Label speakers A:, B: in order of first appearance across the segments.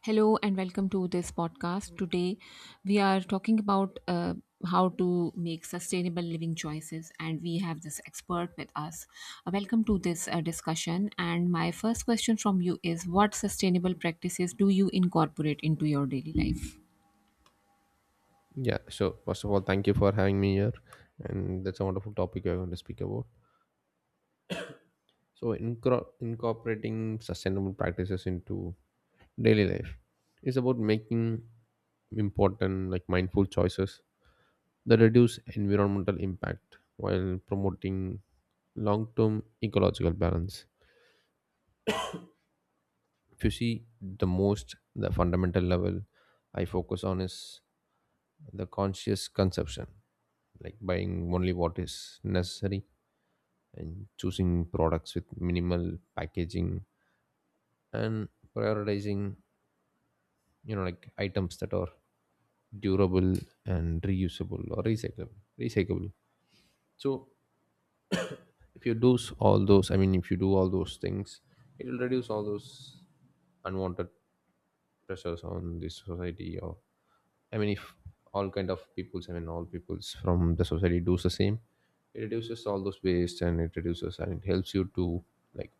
A: Hello and welcome to this podcast. Today we are talking about how to make sustainable living choices, and we have this expert with us. Welcome to this discussion. And my first question from you is, what sustainable practices do you incorporate into your daily life?
B: Yeah, so first of all, thank you for having me here, and that's a wonderful topic you're going to speak about. So, incorporating sustainable practices into daily life is about making important, like mindful choices that reduce environmental impact while promoting long-term ecological balance. If you see the most, the fundamental level I focus on is the conscious consumption, like buying only what is necessary and choosing products with minimal packaging and prioritizing like items that are durable and reusable or recyclable. So if you do s- all those, I mean if you do all those things, it will reduce all those unwanted pressures on the society, or I mean if all kind of peoples, I mean all peoples from the society does the same, it reduces all those waste and it reduces and it helps you to like.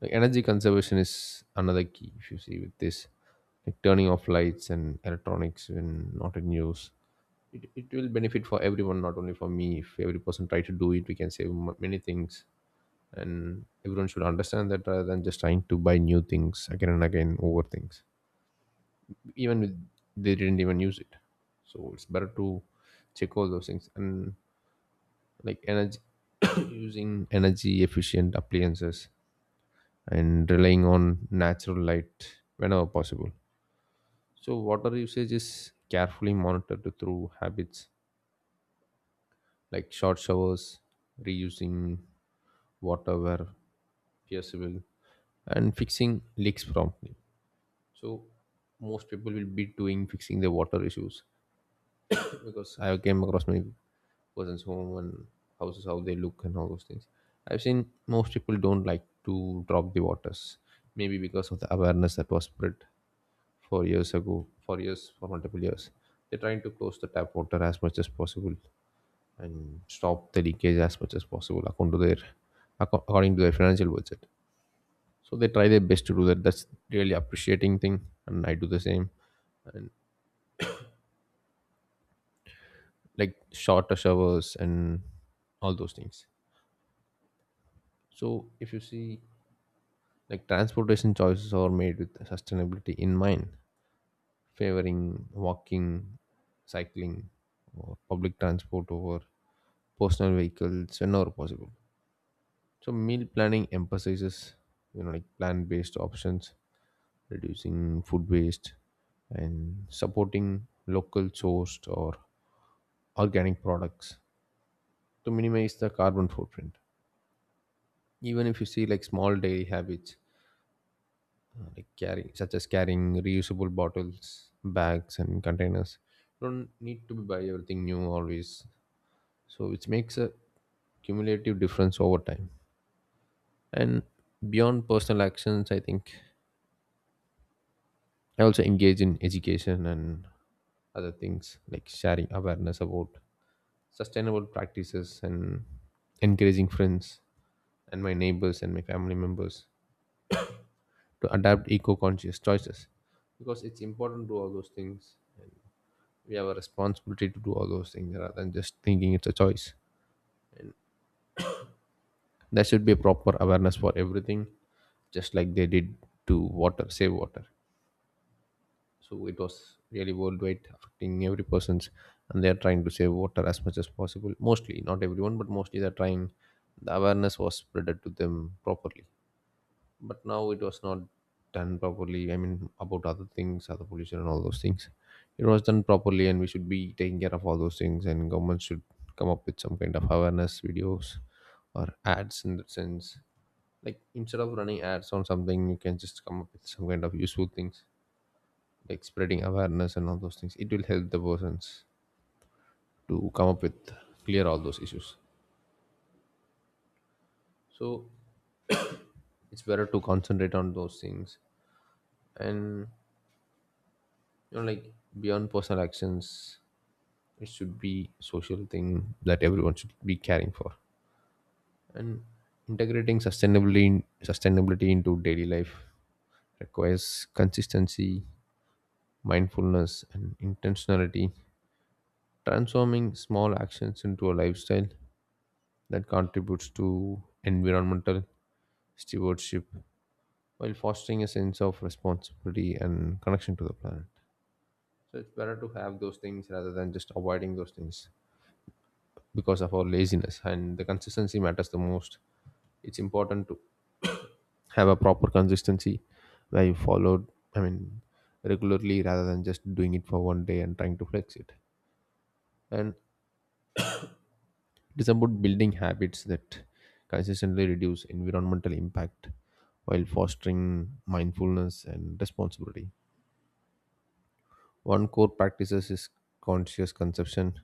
B: Like energy conservation is another key. If you see with this, like turning off lights and electronics when not in use, it will benefit for everyone, not only for me. If every person try to do it, we can many things, and everyone should understand that rather than just trying to buy new things again and again over things, even with they didn't even use it. So it's better to check all those things and like energy using energy efficient appliances and relying on natural light whenever possible. So, water usage is carefully monitored through habits like short showers, reusing water where feasible, and fixing leaks promptly. So, most people will be doing fixing their water issues because I have came across many person's home and houses how they look and all those things. I've seen most people don't like to drop the waters, maybe because of the awareness that was spread 4 years ago, 4 years for multiple years. They're trying to close the tap water as much as possible and stop the leakage as much as possible according to according to their financial budget. So they try their best to do that. That's really appreciating thing, and I do the same. And like shorter showers and all those things. So if you see, like transportation choices are made with sustainability in mind, favoring walking, cycling, or public transport over personal vehicles whenever possible. So meal planning emphasizes like plant-based options, reducing food waste, and supporting local sourced or organic products to minimize the carbon footprint. Even if you see like small daily habits like carrying such as carrying reusable bottles, bags and containers, you don't need to buy everything new always, so which makes a cumulative difference over time. And beyond personal actions, I think I also engage in education and other things like sharing awareness about sustainable practices and encouraging friends and my neighbors and my family members to adapt eco-conscious choices, because it's important to do all those things. We have a responsibility to do all those things rather than just thinking it's a choice. There should be a proper awareness for everything, just like they did to water, save water. So it was really worldwide affecting every person's, and they're trying to save water as much as possible, mostly, not everyone, but mostly they're trying. The awareness was spreaded to them properly, but now it was not done properly, I mean about other things, other pollution and all those things. It was done properly, and we should be taking care of all those things, and government should come up with some kind of awareness videos or ads in that sense, like instead of running ads on something, you can just come up with some kind of useful things like spreading awareness and all those things. It will help the persons to come up with clear all those issues. So it's better to concentrate on those things, and like beyond personal actions, it should be social thing that everyone should be caring for. And sustainability into daily life requires consistency, mindfulness and intentionality, transforming small actions into a lifestyle that contributes to environmental stewardship while fostering a sense of responsibility and connection to the planet. So it's better to have those things rather than just avoiding those things because of our laziness, and the consistency matters the most. It's important to have a proper consistency where you followed, I mean regularly, rather than just doing it for one day and trying to flex it. And it is about building habits that consistently reduce environmental impact while fostering mindfulness and responsibility. One core practices is conscious consumption,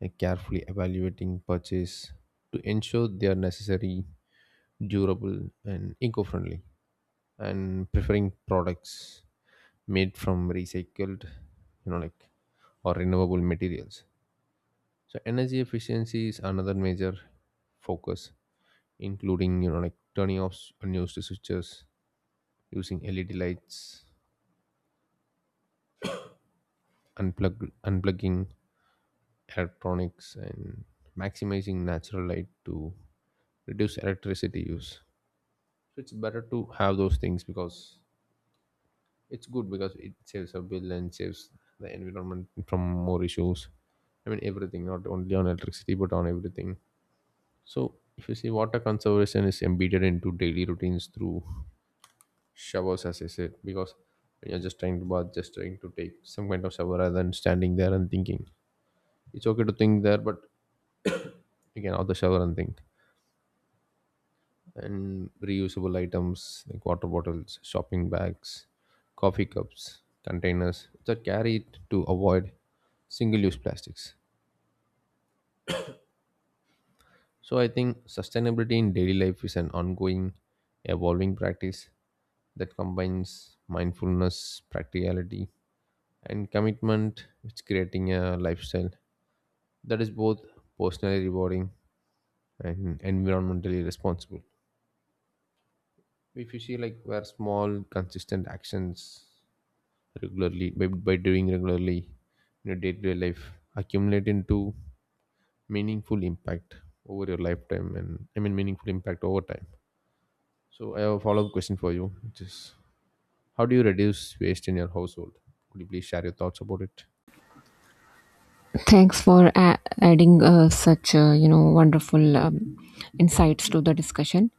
B: like carefully evaluating purchase to ensure they are necessary, durable, and eco-friendly, and preferring products made from recycled, you know, like or renewable materials. So energy efficiency is another major focus, including like unused switches, using LED lights, unplugging electronics, and maximizing natural light to reduce electricity use. So it's better to have those things because it's good, because it saves a bill and saves the environment from more issues. I mean everything, not only on electricity but on everything. So if you see, water conservation is embedded into daily routines through showers as I said, because when you're just trying to bath, just trying to take some kind of shower rather than standing there and thinking, it's okay to think there, but you can have the shower and think. And reusable items like water bottles, shopping bags, coffee cups, containers that carry it to avoid single-use plastics. So I think sustainability in daily life is an ongoing evolving practice that combines mindfulness, practicality and commitment with creating a lifestyle that is both personally rewarding and environmentally responsible, if you see, like where small consistent actions regularly by doing regularly in your day-to-day life accumulate into meaningful impact over your lifetime, and I mean meaningful impact over time. So I have a follow-up question for you, which is, how do you reduce waste in your household? Could you please share your thoughts about it?
A: Thanks for adding such wonderful insights to the discussion.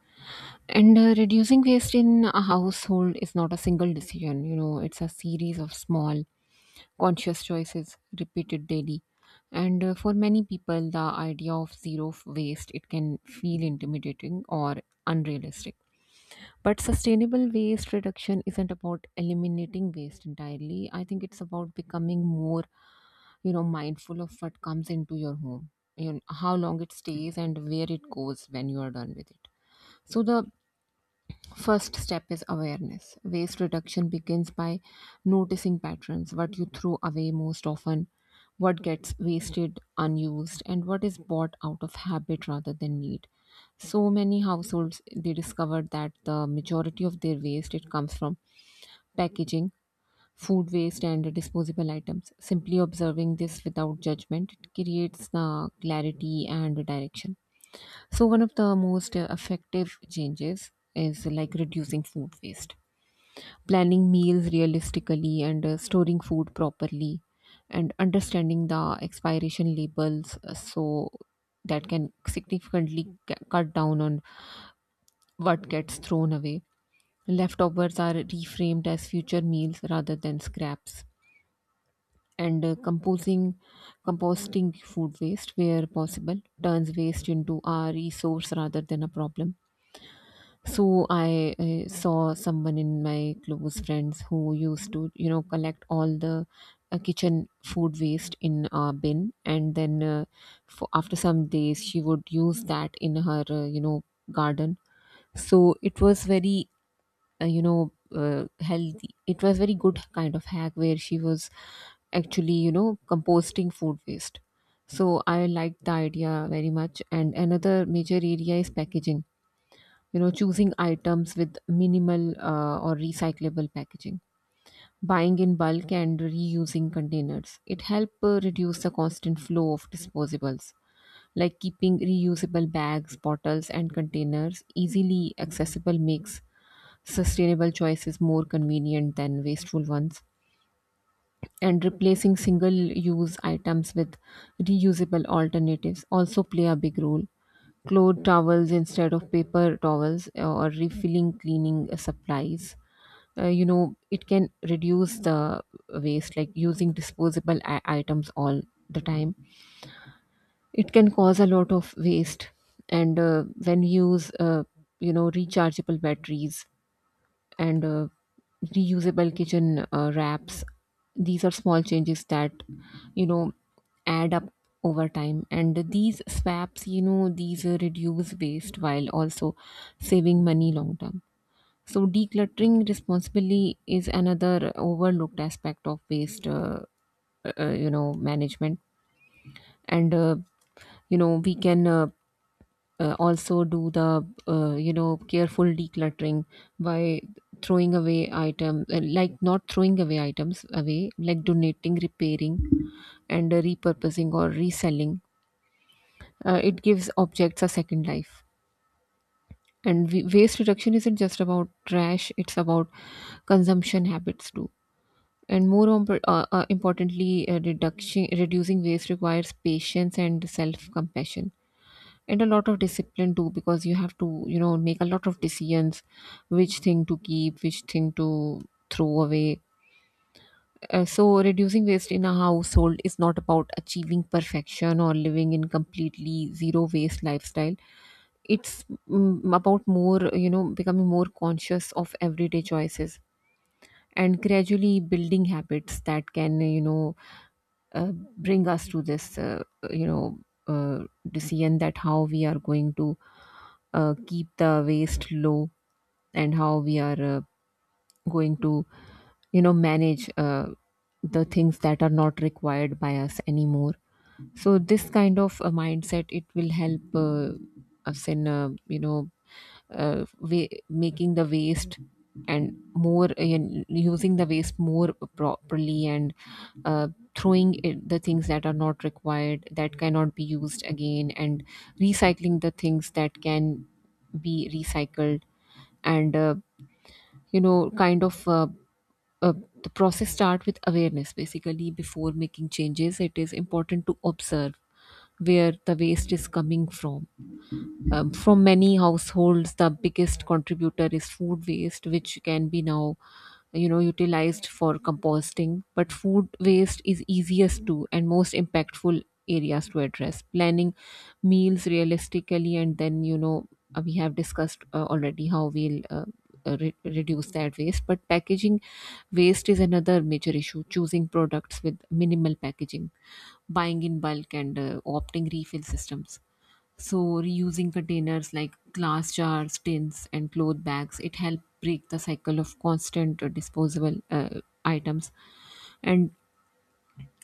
A: And reducing waste in a household is not a single decision, you know, it's a series of small, conscious choices repeated daily. And for many people, the idea of zero waste, it can feel intimidating or unrealistic. But sustainable waste reduction isn't about eliminating waste entirely. I think it's about becoming more, you know, mindful of what comes into your home, you know, how long it stays and where it goes when you are done with it. So the first step is awareness. Waste reduction begins by noticing patterns, what you throw away most often, what gets wasted, unused, and what is bought out of habit rather than need. So many households, they discovered that the majority of their waste, it comes from packaging, food waste and disposable items. Simply observing this without judgment, it creates the clarity and direction. So, one of the most effective changes is like reducing food waste, planning meals realistically, and storing food properly, and understanding the expiration labels, so that can significantly cut down on what gets thrown away. Leftovers are reframed as future meals rather than scraps. And composting food waste where possible turns waste into a resource rather than a problem. So I saw someone in my close friends who used to, you know, collect all the kitchen food waste in a bin, and then for after some days she would use that in her garden. So it was very healthy. It was very good kind of hack where she was actually, you know, composting food waste. So I liked the idea very much. And another major area is packaging, you know, choosing items with minimal or recyclable packaging, buying in bulk and reusing containers. It helps reduce the constant flow of disposables, like keeping reusable bags, bottles and containers easily accessible makes sustainable choices more convenient than wasteful ones. And replacing single use items with reusable alternatives also play a big role. Cloth towels instead of paper towels, or refilling cleaning supplies. You know, it can reduce the waste, like using disposable items all the time. It can cause a lot of waste. And when you use, you know, rechargeable batteries and reusable kitchen wraps, these are small changes that, you know, add up over time. And these swaps, you know, these reduce waste while also saving money long term. So decluttering responsibly is another overlooked aspect of waste you know, management. And you know, we can, also do the, you know, careful decluttering by throwing away items like not throwing away items away, like donating, repairing, and repurposing or reselling. It gives objects a second life. Waste reduction isn't just about trash, it's about consumption habits too. And more importantly, reduction reducing waste requires patience and self compassion and a lot of discipline too, because you have to, you know, make a lot of decisions, which thing to keep, which thing to throw away. So reducing waste in a household is not about achieving perfection or living in completely zero waste lifestyle. It's about more, you know, becoming more conscious of everyday choices and gradually building habits that can, you know, bring us to this you know, uh, decision that how we are going to keep the waste low, and how we are going to, you know, manage the things that are not required by us anymore. So this kind of a mindset, it will help us in, you know, making the waste and more, and using the waste more properly, and uh, throwing the things that are not required, that cannot be used again, and recycling the things that can be recycled. And you know kind of uh, the process start with awareness. Basically, before making changes it is important to observe where the waste is coming from. From many households the biggest contributor is food waste, which can be now, you know, utilized for composting. But food waste is easiest to and most impactful areas to address, planning meals realistically, and then, you know, we have discussed already how we'll, reduce that waste. But packaging waste is another major issue, choosing products with minimal packaging, buying in bulk and opting refill systems. So reusing containers like glass jars, tins, and cloth bags, it helped break the cycle of constant disposable items. And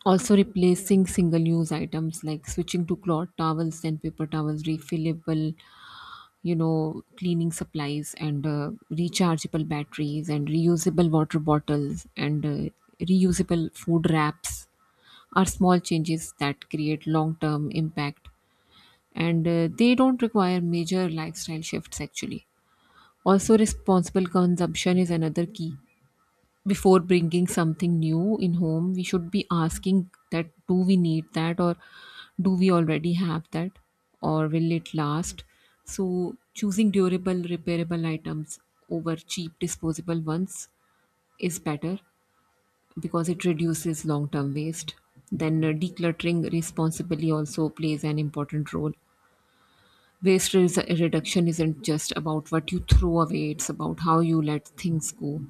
A: also replacing single-use items, like switching to cloth towels and paper towels, refillable, you know, cleaning supplies, and rechargeable batteries, and reusable water bottles, and reusable food wraps, are small changes that create long-term impact, and they don't require major lifestyle shifts actually. Also, responsible consumption is another key. Before bringing something new in home, we should be asking, that do we need that or do we already have that, or will it last? So, choosing durable, repairable items over cheap disposable ones is better because it reduces long term waste. Then, decluttering responsibly also plays an important role. Waste reduction isn't just about what you throw away, it's about how you let things go.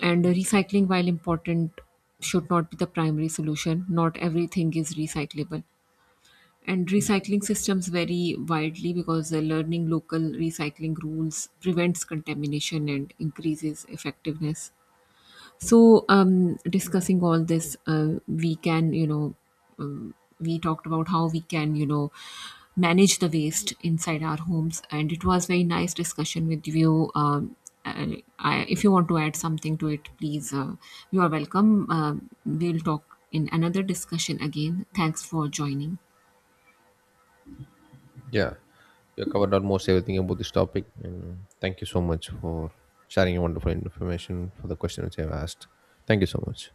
A: And recycling, while important, should not be the primary solution. Not everything is recyclable. And recycling systems vary widely, because the learning local recycling rules prevents contamination and increases effectiveness. So discussing all this, we can, you know, um, we talked about how we can, you know, manage the waste inside our homes, and it was very nice discussion with you. And if you want to add something to it, please, you are welcome. Um, we'll talk in another discussion again. Thanks for joining.
B: Yeah, you have covered almost everything about this topic, and thank you so much for sharing your wonderful information for the question which I've asked. Thank you so much.